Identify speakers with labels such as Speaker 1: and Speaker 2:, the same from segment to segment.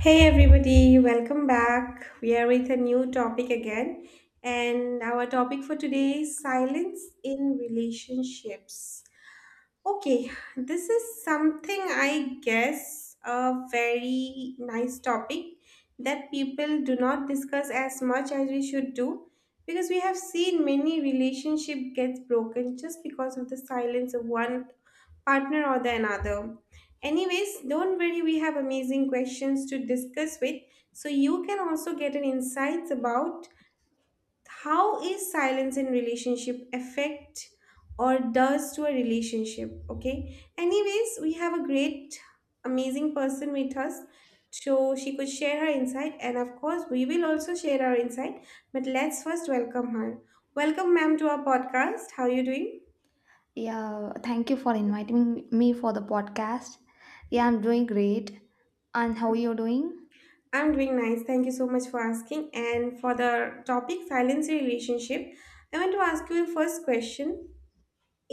Speaker 1: Hey everybody, welcome back. We are with a new topic again, and our topic for today is silence in relationships. Okay, this is something, I guess, a very nice topic that people do not discuss as much as we should do, because we have seen many relationship gets broken just because of the silence of one partner or the another. Anyways, don't worry, we have amazing questions to discuss with, so you can also get an insights about how is silence in relationship affect or does to a relationship. Okay, anyways, we have a great amazing person with us, so she could share her insight, and of course we will also share our insight. But let's first welcome her. Welcome, ma'am, to our podcast. How are you doing?
Speaker 2: Yeah, thank you for inviting me for the podcast. Yeah, I'm doing great. And how are you doing?
Speaker 1: I'm doing nice, thank you so much for asking. And for the topic silence in relationship, I want to ask you a first question.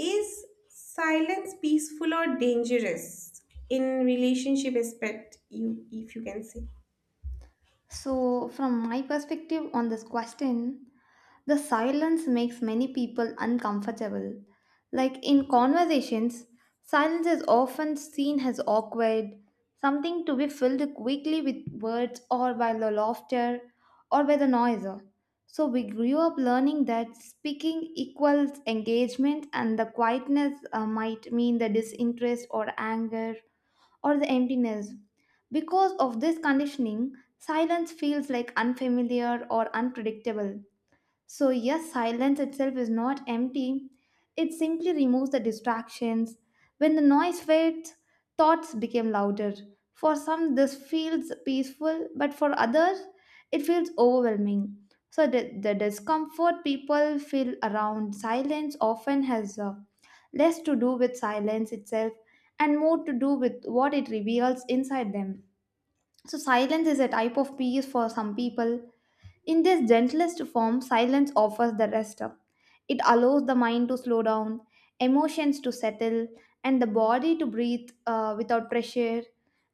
Speaker 1: Is silence peaceful or dangerous in relationship aspect, you if you can say?
Speaker 2: So, from my perspective on this question, the silence makes many people uncomfortable. Like in conversations, silence is often seen as awkward, something to be filled quickly with words or by the laughter or by the noise. So we grew up learning that speaking equals engagement and the quietness might mean the disinterest or anger or the emptiness. Because of this conditioning, silence feels like unfamiliar or unpredictable, so yes, silence itself is not empty, it simply removes the distractions. When the noise fades, thoughts become louder. For some, this feels peaceful, but for others, it feels overwhelming. So, the discomfort people feel around silence often has less to do with silence itself and more to do with what it reveals inside them. So, silence is a type of peace for some people. In this gentlest form, silence offers the rest up. It allows the mind to slow down, emotions to settle, and the body to breathe without pressure.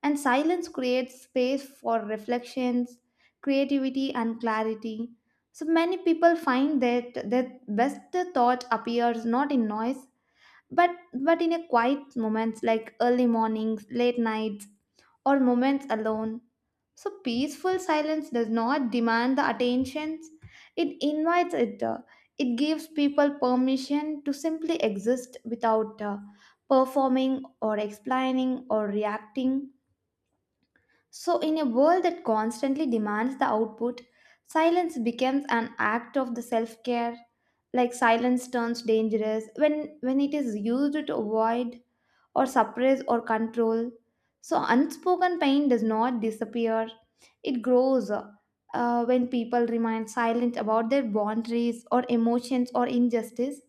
Speaker 2: And silence creates space for reflections, creativity, and clarity. So many people find that their best thought appears not in noise, but in a quiet moments like early mornings, late nights, or moments alone. So, peaceful silence does not demand the attentions, it invites it. It gives people permission to simply exist without performing or explaining or reacting. So, in a world that constantly demands the output, silence becomes an act of the self care. Like silence turns dangerous when, it is used to avoid or suppress or control. So, unspoken pain does not disappear, it grows when people remain silent about their boundaries or emotions or injustice.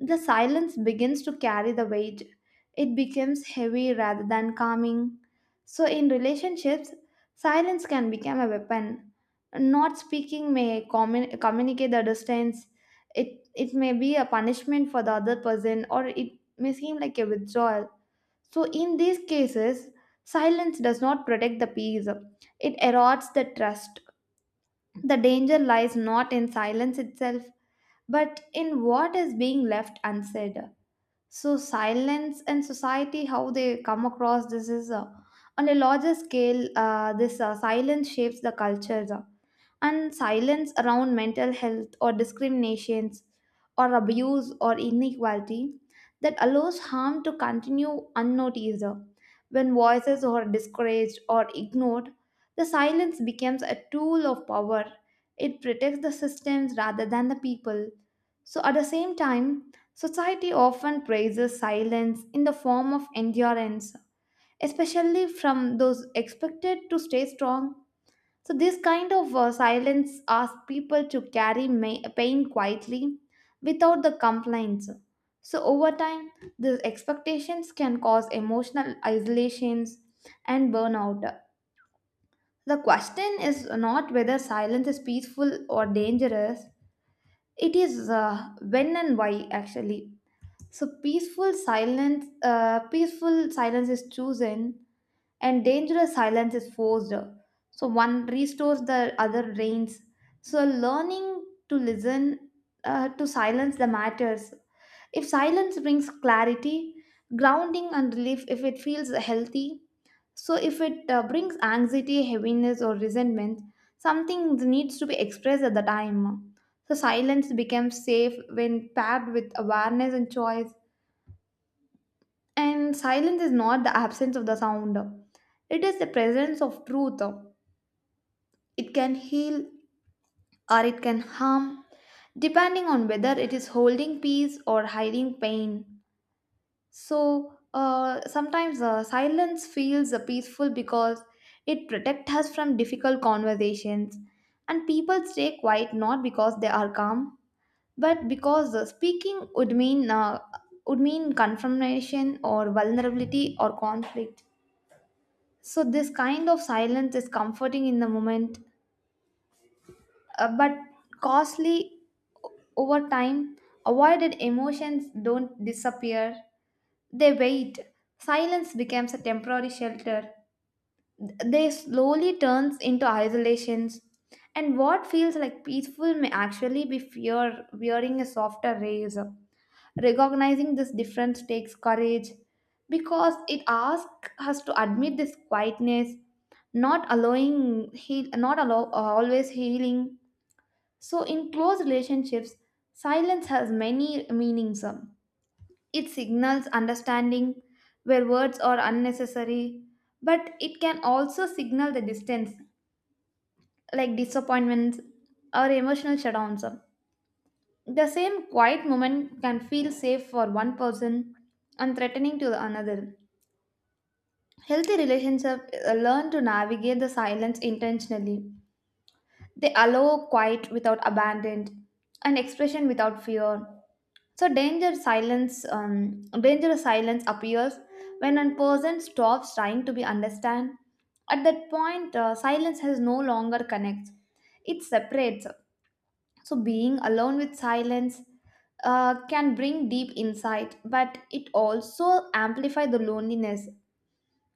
Speaker 2: The silence begins to carry the weight, it becomes heavy rather than calming. So, in relationships, silence can become a weapon. Not speaking may communicate the distance. It may be a punishment for the other person, or it may seem like a withdrawal. So, in these cases, silence does not protect the peace, it erodes the trust. The danger lies not in silence itself, but in what is being left unsaid. So, silence and society, how they come across this is on a larger scale, this silence shapes the cultures, and silence around mental health or discriminations or abuse or inequality that allows harm to continue unnoticed. When voices are discouraged or ignored, the silence becomes a tool of power. It protects the systems rather than the people. So, at the same time, society often praises silence in the form of endurance, especially from those expected to stay strong. So, this kind of silence asks people to carry pain quietly without the complaints. So, over time, these expectations can cause emotional isolations and burnout. The question is not whether silence is peaceful or dangerous, it is when and why actually. So, peaceful silence, peaceful silence is chosen and dangerous silence is forced. So one restores, the other reigns. So learning to listen to silence the matters. If silence brings clarity, grounding and relief, if it feels healthy, so if it brings anxiety, heaviness, or resentment, something needs to be expressed at the time. So silence becomes safe when paired with awareness and choice. And silence is not the absence of the sound, it is the presence of truth. It can heal or it can harm, depending on whether it is holding peace or hiding pain. So, sometimes silence feels peaceful because it protects us from difficult conversations. And people stay quiet not because they are calm, but because speaking would mean confrontation or vulnerability or conflict. So, this kind of silence is comforting in the moment, but costly over time. Avoided emotions don't disappear, they wait. Silence becomes a temporary shelter. They slowly turns into isolations. And what feels like peaceful may actually be fear wearing a softer razor. Recognizing this difference takes courage because it asks us to admit this quietness, not allowing heal, not allow always healing. So in close relationships, silence has many meanings. It signals understanding where words are unnecessary, but it can also signal the distance, like disappointments or emotional shutdowns. The same quiet moment can feel safe for one person and threatening to the another. Healthy relationships learn to navigate the silence intentionally. They allow quiet without abandon and expression without fear. So dangerous silence appears when a person stops trying to be understand. At that point, silence has no longer connects. It separates. So, being alone with silence can bring deep insight, but it also amplify the loneliness.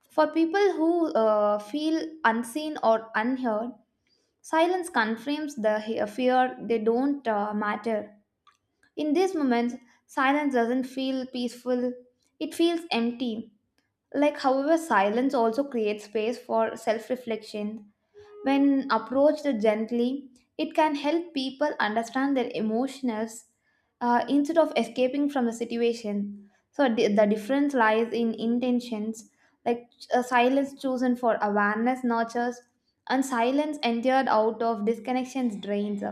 Speaker 2: For people who feel unseen or unheard, silence confirms the fear they don't matter. In these moments, silence doesn't feel peaceful, it feels empty. Like, however, silence also creates space for self reflection. When approached gently, it can help people understand their emotions instead of escaping from the situation. So, the difference lies in intentions, like silence chosen for awareness nurtures, and silence endured out of disconnections drains.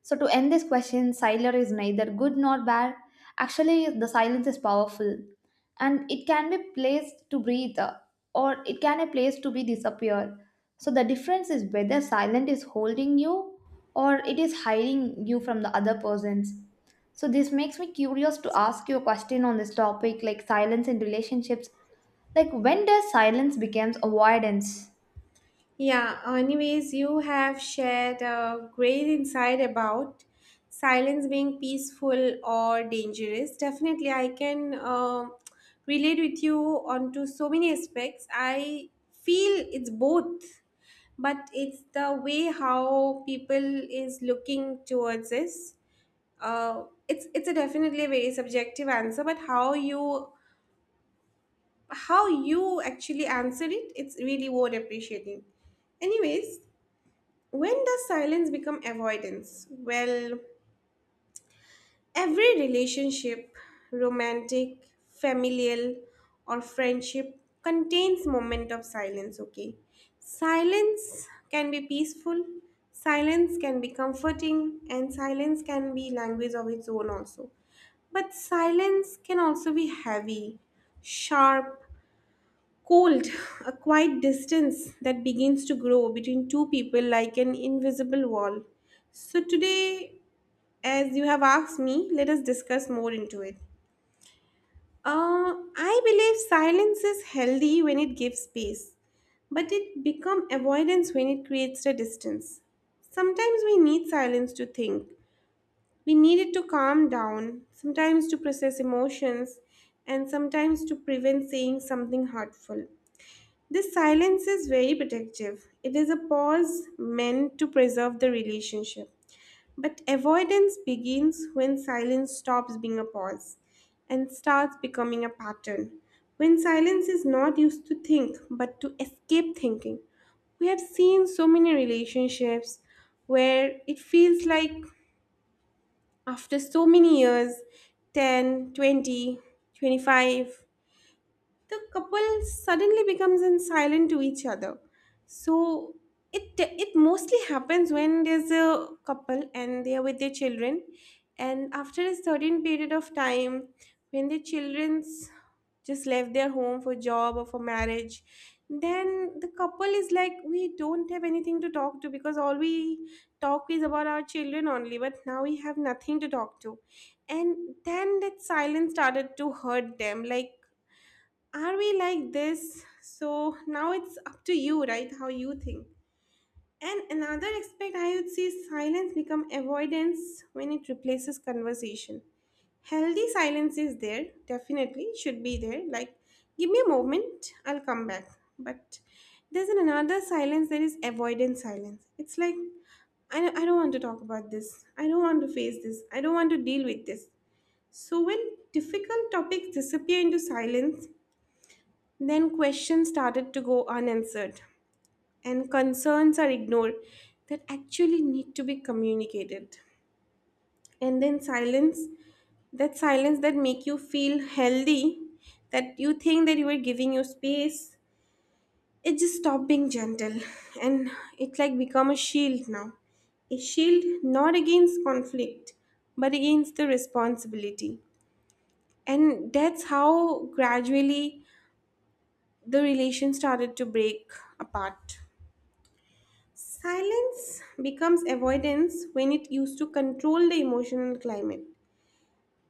Speaker 2: So, to end this question, silence is neither good nor bad. Actually, the silence is powerful, and it can be placed to breathe or it can a place to be disappear. So, the difference is whether silence is holding you or it is hiding you from the other persons. So, this makes me curious to ask you a question on this topic like silence in relationships. Like, when does silence becomes avoidance?
Speaker 1: Yeah, anyways, you have shared a great insight about silence being peaceful or dangerous. Definitely, I can relate with you onto so many aspects. I feel it's both, but it's the way how people is looking towards this. It's a definitely a very subjective answer, but how you actually answer it, it's really worth appreciating. Anyways, when does silence become avoidance? Well, every relationship, romantic, familial, or friendship contains moment of silence, okay? Silence can be peaceful, silence can be comforting, and silence can be language of its own also. But silence can also be heavy, sharp, cold, a quiet distance that begins to grow between two people like an invisible wall. So, today, as you have asked me, let us discuss more into it. I believe silence is healthy when it gives space, but it becomes avoidance when it creates a distance. Sometimes we need silence to think, we needed to calm down, sometimes to process emotions, and sometimes to prevent saying something hurtful. This silence is very protective. It is a pause meant to preserve the relationship. But avoidance begins when silence stops being a pause and starts becoming a pattern. When silence is not used to think but to escape thinking. We have seen so many relationships where it feels like after so many years, 10, 20, 25, the couple suddenly becomes in silent to each other. So it mostly happens when there's a couple and they are with their children, and after a certain period of time, when the children's just left their home for job or for marriage, then the couple is like, we don't have anything to talk to, because all we talk is about our children only, but now we have nothing to talk to. And then that silence started to hurt them, like, are we like this? So now it's up to you, right? How you think. And another aspect, I would say, is silence become avoidance when it replaces conversation. Healthy silence is there, definitely should be there. Like, give me a moment, I'll come back. But there's an another silence that is avoidance silence. It's like, I don't want to talk about this. I don't want to face this. I don't want to deal with this. So when difficult topics disappear into silence, then questions started to go unanswered, and concerns are ignored that actually need to be communicated. And then silence that make you feel healthy, that you think that you are giving you space, it just stopped being gentle, and it like become a shield now, a shield not against conflict, but against the responsibility. And that's how gradually the relation started to break apart. Silence becomes avoidance when it used to control the emotional climate.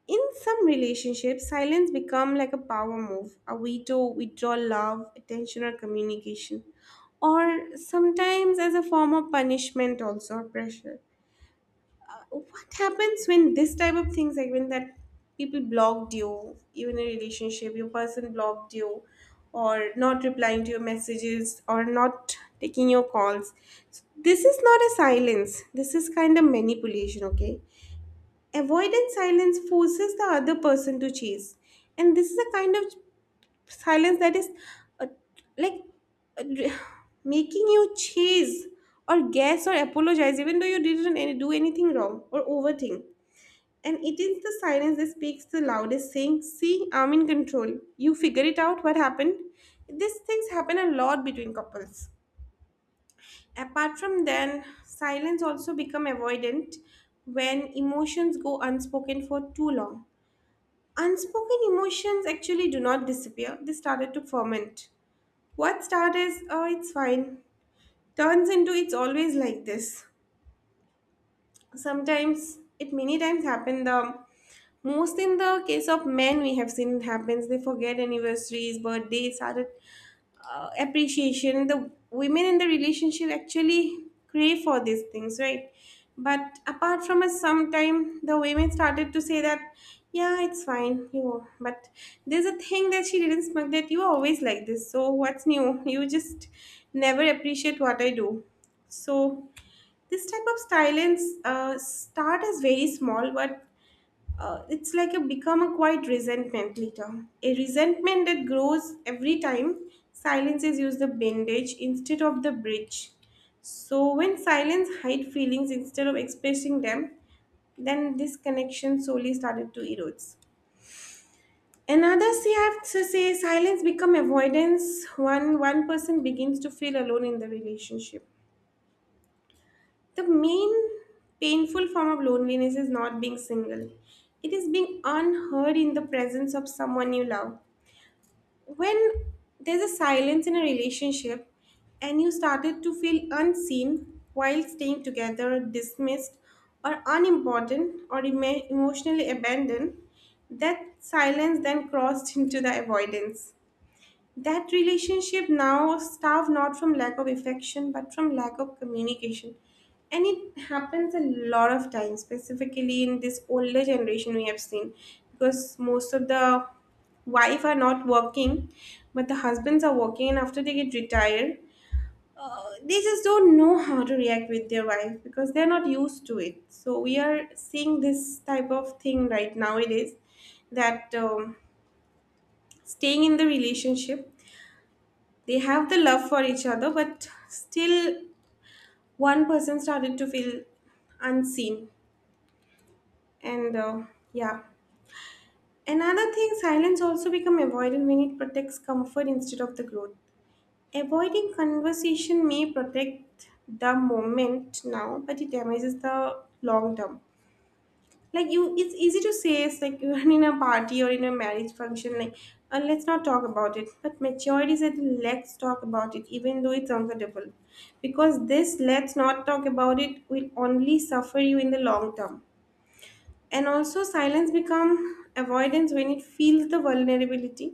Speaker 1: In some relationships, silence becomes like a power move, a way to withdraw love, attention, or communication, or sometimes as a form of punishment, also, or pressure. What happens when this type of things, like when that people blocked you in a relationship, your person blocked you, or not replying to your messages, or not taking your calls? So, this is not a silence, this is kind of manipulation, okay. Avoidant silence forces the other person to chase. And this is a kind of silence that is uh, like uh, making you chase or guess or apologize, even though you didn't do anything wrong, or overthink. And it is the silence that speaks the loudest, saying, see, I'm in control. You figure it out what happened. These things happen a lot between couples. Apart from then, silence also become avoidant when emotions go unspoken for too long. Unspoken emotions actually do not disappear. They started to ferment. What started is, oh, it's fine, turns into, it's always like this. Sometimes it many times happen the most in the case of men, we have seen, it happens they forget anniversaries, birthdays, started appreciation. The women in the relationship actually crave for these things, right? But apart from us, sometime the women started to say that, yeah, it's fine, you know. But there's a thing that she didn't smoke, that you are always like this, so what's new, you just never appreciate what I do. So this type of silence start as very small, but it's like a become a quiet resentment later. A resentment that grows every time silences use the bandage instead of the bridge. So when silence hide feelings instead of expressing them, then this connection slowly started to erode. Another, say I have to say, silence become avoidance when one person begins to feel alone in the relationship. The main painful form of loneliness is not being single. It is being unheard in the presence of someone you love. When there's a silence in a relationship and you started to feel unseen while staying together, dismissed, or unimportant, or emotionally abandoned, that silence then crossed into the avoidance. That relationship now starved not from lack of affection, but from lack of communication. And it happens a lot of times, specifically in this older generation we have seen, because most of the wife are not working, but the husbands are working, and after they get retired, they just don't know how to react with their wife because they're not used to it. So we are seeing this type of thing right nowadays, that staying in the relationship, they have the love for each other, but still one person started to feel unseen, and yeah, another thing, silence also become avoidant when it protects comfort instead of the growth. Avoiding conversation may protect the moment now, but it damages the long term. Like, you, it's easy to say, it's like, when in a party or in a marriage function, like, let's not talk about it. But maturity said, let's talk about it, even though it's uncomfortable, because this let's not talk about it will only suffer you in the long term. And also silence become avoidance when it feels the vulnerability.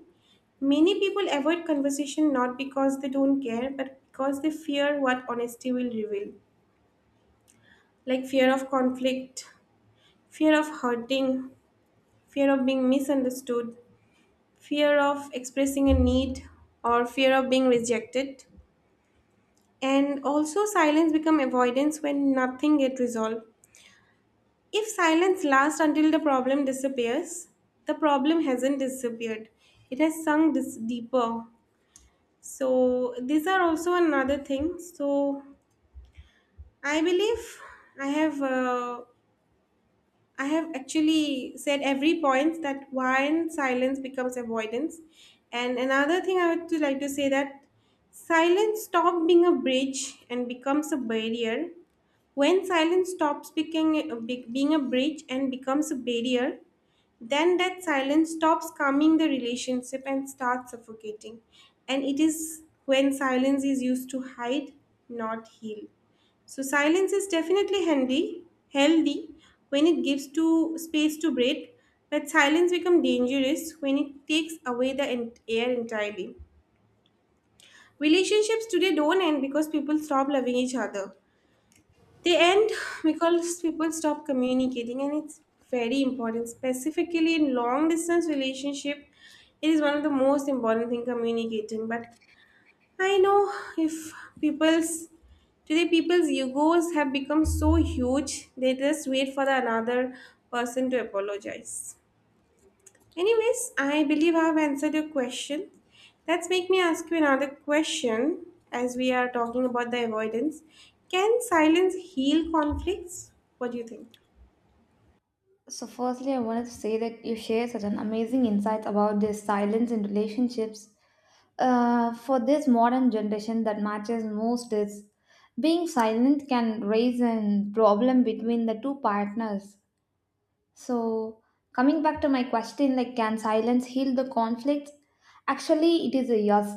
Speaker 1: Many people avoid conversation not because they don't care, but because they fear what honesty will reveal, like fear of conflict, fear of hurting, fear of being misunderstood, fear of expressing a need, or fear of being rejected. And also, silence become avoidance when nothing get resolved. If silence lasts until the problem disappears, the problem hasn't disappeared. It has sunk deeper. So these are also another thing. So I believe I have. I have actually said every point that why silence becomes avoidance. And another thing I would to like to say, that silence stops being a bridge and becomes a barrier. When silence stops being a bridge and becomes a barrier, then that silence stops calming the relationship and starts suffocating. And it is when silence is used to hide, not heal. So silence is definitely handy, healthy, when it gives to space to breathe, but silence becomes dangerous when it takes away the air entirely. Relationships today don't end because people stop loving each other. They end because people stop communicating, and it's very important, specifically in long distance relationship. It is one of the most important thing, communicating. But I know, if people's today people's egos have become so huge, they just wait for the another person to apologize. Anyways, I believe I've answered your question. Let's make me ask you another question, as we are talking about the avoidance. Can silence heal conflicts? What do you think?
Speaker 2: So, firstly, I wanted to say that you share such an amazing insight about this silence in relationships. For this modern generation, that matches most is being silent can raise a problem between the two partners. So, coming back to my question, like, can silence heal the conflicts? Actually, it is a yes,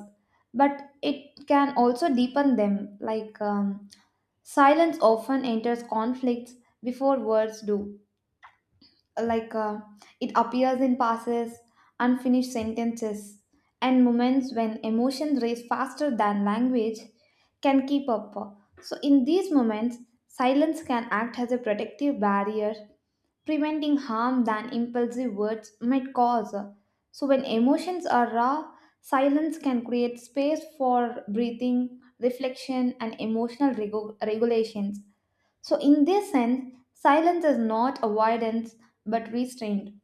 Speaker 2: but it can also deepen them. Like, silence often enters conflicts before words do, like it appears in passes, unfinished sentences, and moments when emotions race faster than language can keep up. So, in these moments, silence can act as a protective barrier, preventing harm than impulsive words might cause. So, when emotions are raw, silence can create space for breathing, reflection, and emotional regulations. So, in this sense, silence is not avoidance but restraint.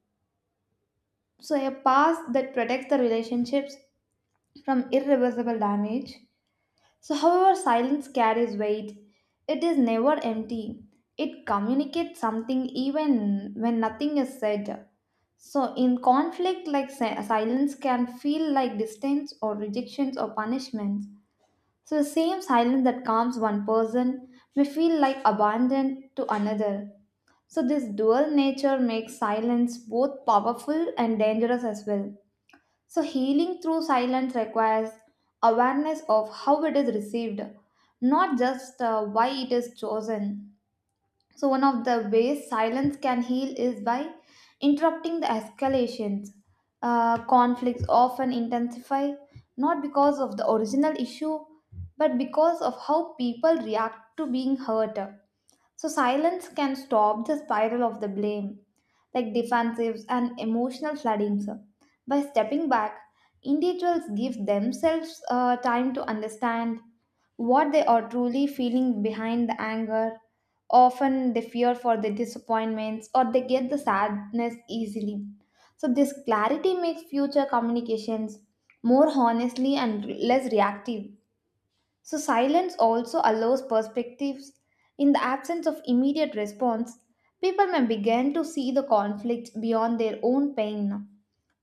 Speaker 2: So, a past that protects the relationships from irreversible damage. So, however, silence carries weight, it is never empty. It communicates something even when nothing is said. So, in conflict, like silence can feel like distance or rejections or punishments. So, the same silence that calms one person may feel like abandon to another. So, this dual nature makes silence both powerful and dangerous as well. So, healing through silence requires awareness of how it is received, not just why it is chosen. So, one of the ways silence can heal is by interrupting the escalations. Conflicts often intensify not because of the original issue but because of how people react to being hurt. So, silence can stop the spiral of the blame like defensives and emotional flooding, sir. By stepping back, individuals give themselves time to understand what they are truly feeling behind the anger. Often they fear for the disappointments or they get the sadness easily. So, this clarity makes future communications more honestly and less reactive. So, silence also allows perspectives. In the absence of immediate response, people may begin to see the conflict beyond their own pain.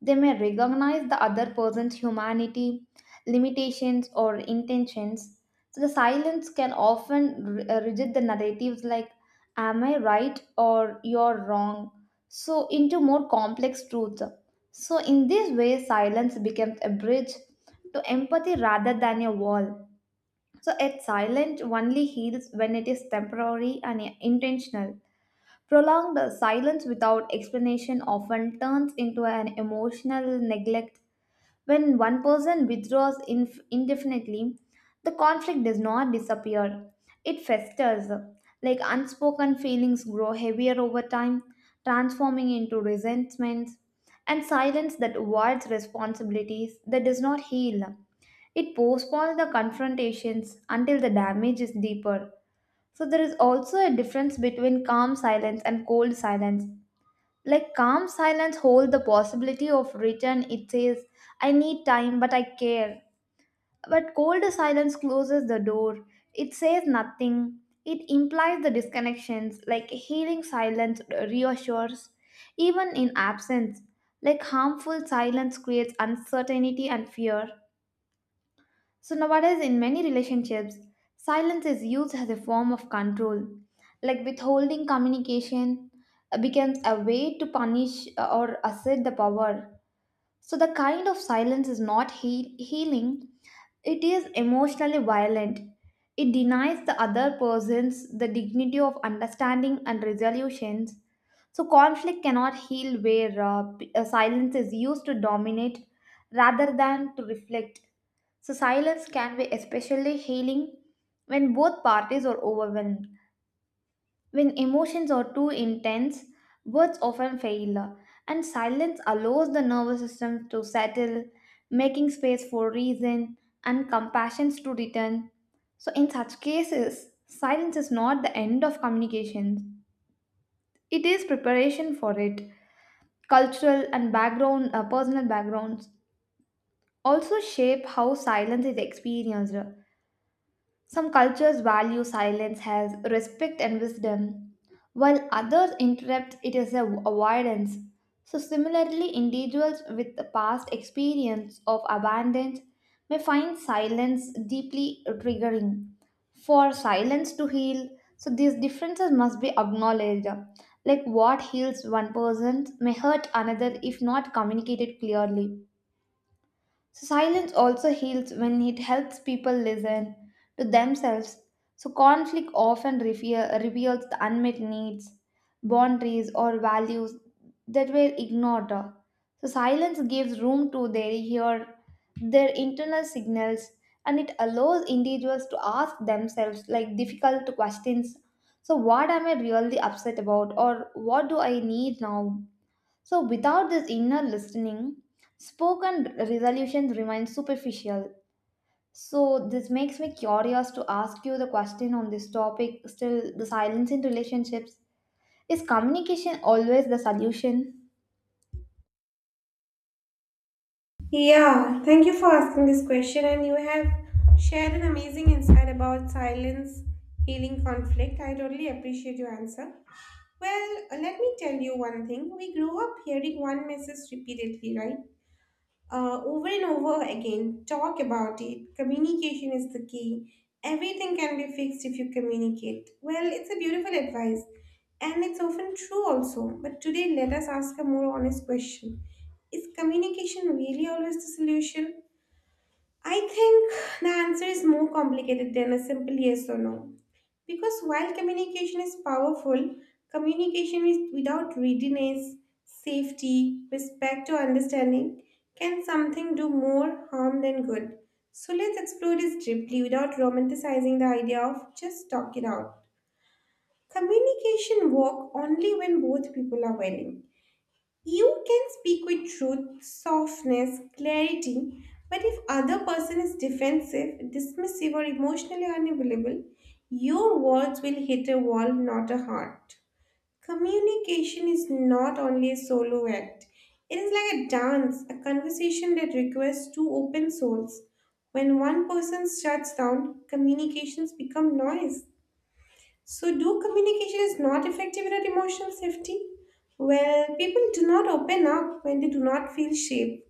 Speaker 2: They may recognize the other person's humanity, limitations, or intentions. So, the silence can often reject the narratives like, am I right or you're wrong? So, into more complex truths. So, in this way, silence becomes a bridge to empathy rather than a wall. So, yet silence only heals when it is temporary and intentional. Prolonged silence without explanation often turns into an emotional neglect. When one person withdraws indefinitely, the conflict does not disappear. It festers. Like unspoken feelings grow heavier over time, transforming into resentments, and silence that avoids responsibilities that does not heal. It postpones the confrontations until the damage is deeper. So, there is also a difference between calm silence and cold silence. Like calm silence hold the possibility of return. It says, I need time, but I care. But cold silence closes the door. It says nothing. It implies the disconnections, like healing silence reassures, even in absence. Like harmful silence creates uncertainty and fear. So, nowadays, in many relationships, silence is used as a form of control. Like withholding communication becomes a way to punish or assert the power. So, the kind of silence is not healing, it is emotionally violent. It denies the other persons the dignity of understanding and resolutions. So, conflict cannot heal where silence is used to dominate rather than to reflect. So, silence can be especially healing when both parties are overwhelmed. When emotions are too intense, words often fail, and silence allows the nervous system to settle, making space for reason and compassion to return. So, in such cases, silence is not the end of communication, it is preparation for it. Cultural and background, personal backgrounds also shape how silence is experienced. Some cultures value silence as respect and wisdom, while others interpret it as avoidance. So, similarly, individuals with the past experience of abandonment may find silence deeply triggering. For silence to heal, so these differences must be acknowledged. Like what heals one person may hurt another if not communicated clearly. So silence also heals when it helps people listen to themselves. So conflict often reveals the unmet needs, boundaries, or values that were ignored. So silence gives room to their hear their internal signals, and it allows individuals to ask themselves like difficult questions. So what am I really upset about, or what do I need now? So, without this inner listening, spoken resolutions remain superficial. So, this makes me curious to ask you the question on this topic still, the silence in relationships. Is communication always the solution?
Speaker 1: Yeah, thank you for asking this question, and you have shared an amazing insight about silence healing conflict. I totally appreciate your answer. Well, let me tell you one thing. We grow up hearing one message repeatedly, right? Over and over again. Talk about it. Communication is the key. Everything can be fixed if you communicate. Well, it's a beautiful advice and it's often true also. But today, let us ask a more honest question. Is communication really always the solution? I think the answer is more complicated than a simple yes or no. Because while communication is powerful, communication with, without readiness, safety, respect, or understanding can something do more harm than good. So let's explore this deeply without romanticizing the idea of just talk it out. Communication work only when both people are willing. You can speak with truth, softness, clarity, but if other person is defensive, dismissive or emotionally unavailable, your words will hit a wall, not a heart. Communication is not only a solo act. It is like a dance, a conversation that requires two open souls. When one person shuts down, communications become noise. So, do communication is not effective without emotional safety? Well, people do not open up when they do not feel safe.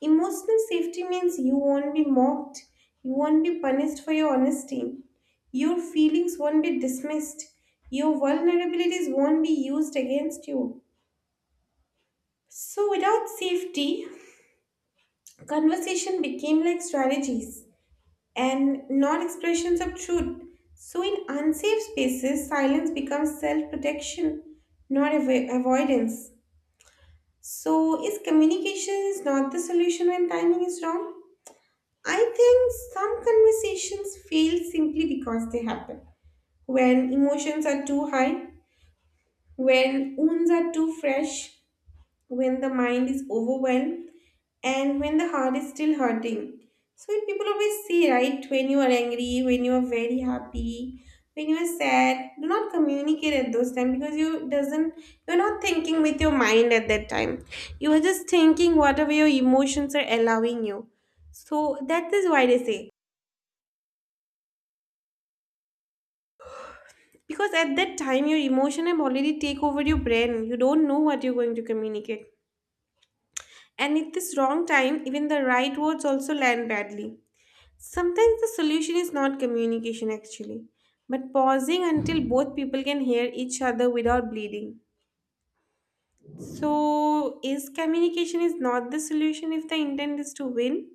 Speaker 1: Emotional safety means you won't be mocked, you won't be punished for your honesty, your feelings won't be dismissed, your vulnerabilities won't be used against you. So, without safety, conversation became like strategies and non expressions of truth. So, in unsafe spaces, silence becomes self protection, not avoidance. So, is communication is not the solution when timing is wrong? I think some conversations fail simply because they happen when emotions are too high, when wounds are too fresh, when the mind is overwhelmed, and when the heart is still hurting. So when people always say, right, when you are angry, when you are very happy, when you are sad, do not communicate at those times because you're not thinking with your mind at that time. You are just thinking whatever your emotions are allowing you. So that is why they say. Because at that time your emotion have already take over your brain. You don't know what you're going to communicate. And at this wrong time, even the right words also land badly. Sometimes the solution is not communication actually, but pausing until both people can hear each other without bleeding. So, is communication is not the solution if the intent is to win?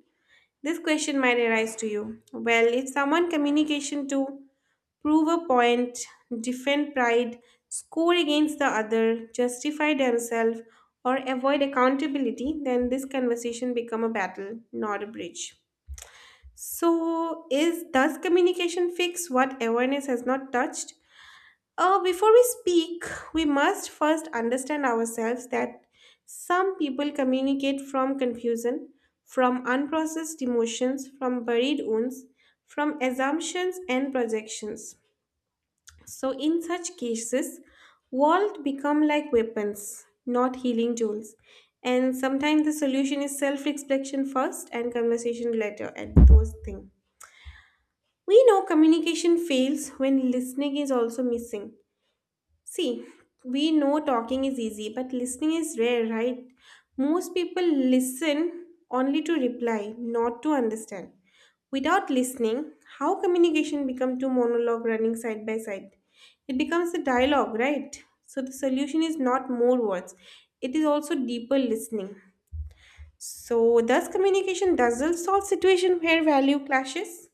Speaker 1: This question might arise to you. Well, if someone communication to prove a point, defend pride, score against the other, justify themselves, or avoid accountability, then this conversation become a battle, not a bridge. So, is does communication fix what awareness has not touched? Before we speak, we must first understand ourselves that some people communicate from confusion, from unprocessed emotions, from buried wounds, from assumptions and projections. So, in such cases, walls become like weapons, not healing tools. And sometimes the solution is self reflection first and conversation later, and those things. We know communication fails when listening is also missing. See, we know talking is easy, but listening is rare, right? Most people listen only to reply, not to understand. Without listening, how communication become two monologue running side by side? It becomes a dialogue, right? So the solution is not more words. It is also deeper listening. So thus communication doesn't solve situation where value clashes.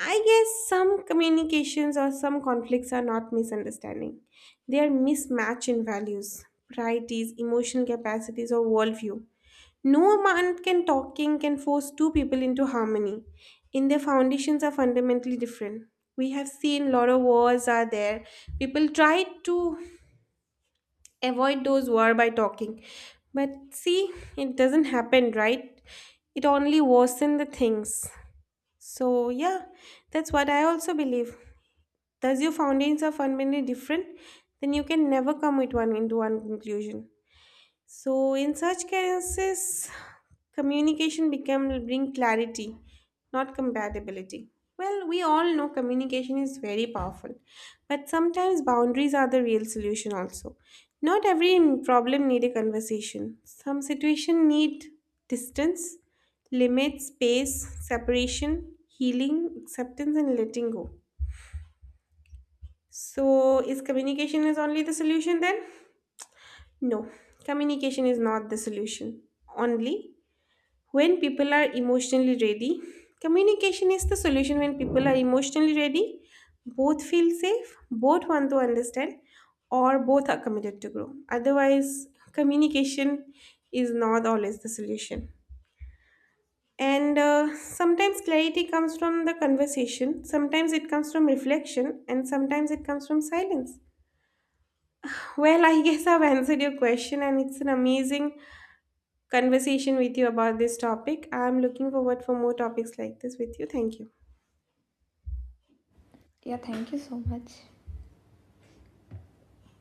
Speaker 1: I guess some communications or some conflicts are not misunderstanding. They are mismatch in values, priorities, emotional capacities, or worldview. No amount can talking can force two people into harmony. In their foundations are fundamentally different. We have seen lot of wars are there. People try to avoid those war by talking. But see, it doesn't happen, right? It only worsen the things. So yeah, that's what I also believe. Thus, your fountains are fundamentally different, then you can never come with one into one conclusion. So, in such cases, communication become will bring clarity, not compatibility. Well, we all know communication is very powerful, but sometimes boundaries are the real solution also. Not every problem need a conversation. Some situation need distance, limit, space, separation, healing, acceptance, and letting go. So, is communication is only the solution then? No, communication is not the solution. Only when people are emotionally ready, communication is the solution when people are emotionally ready, both feel safe, both want to understand, or both are committed to grow. Otherwise, communication is not always the solution. And sometimes clarity comes from the conversation, sometimes it comes from reflection, and sometimes it comes from silence. Well, I guess I've answered your question, and it's an amazing conversation with you about this topic. I'm looking forward for more topics like this with you. Thank you.
Speaker 2: Yeah, thank you so much.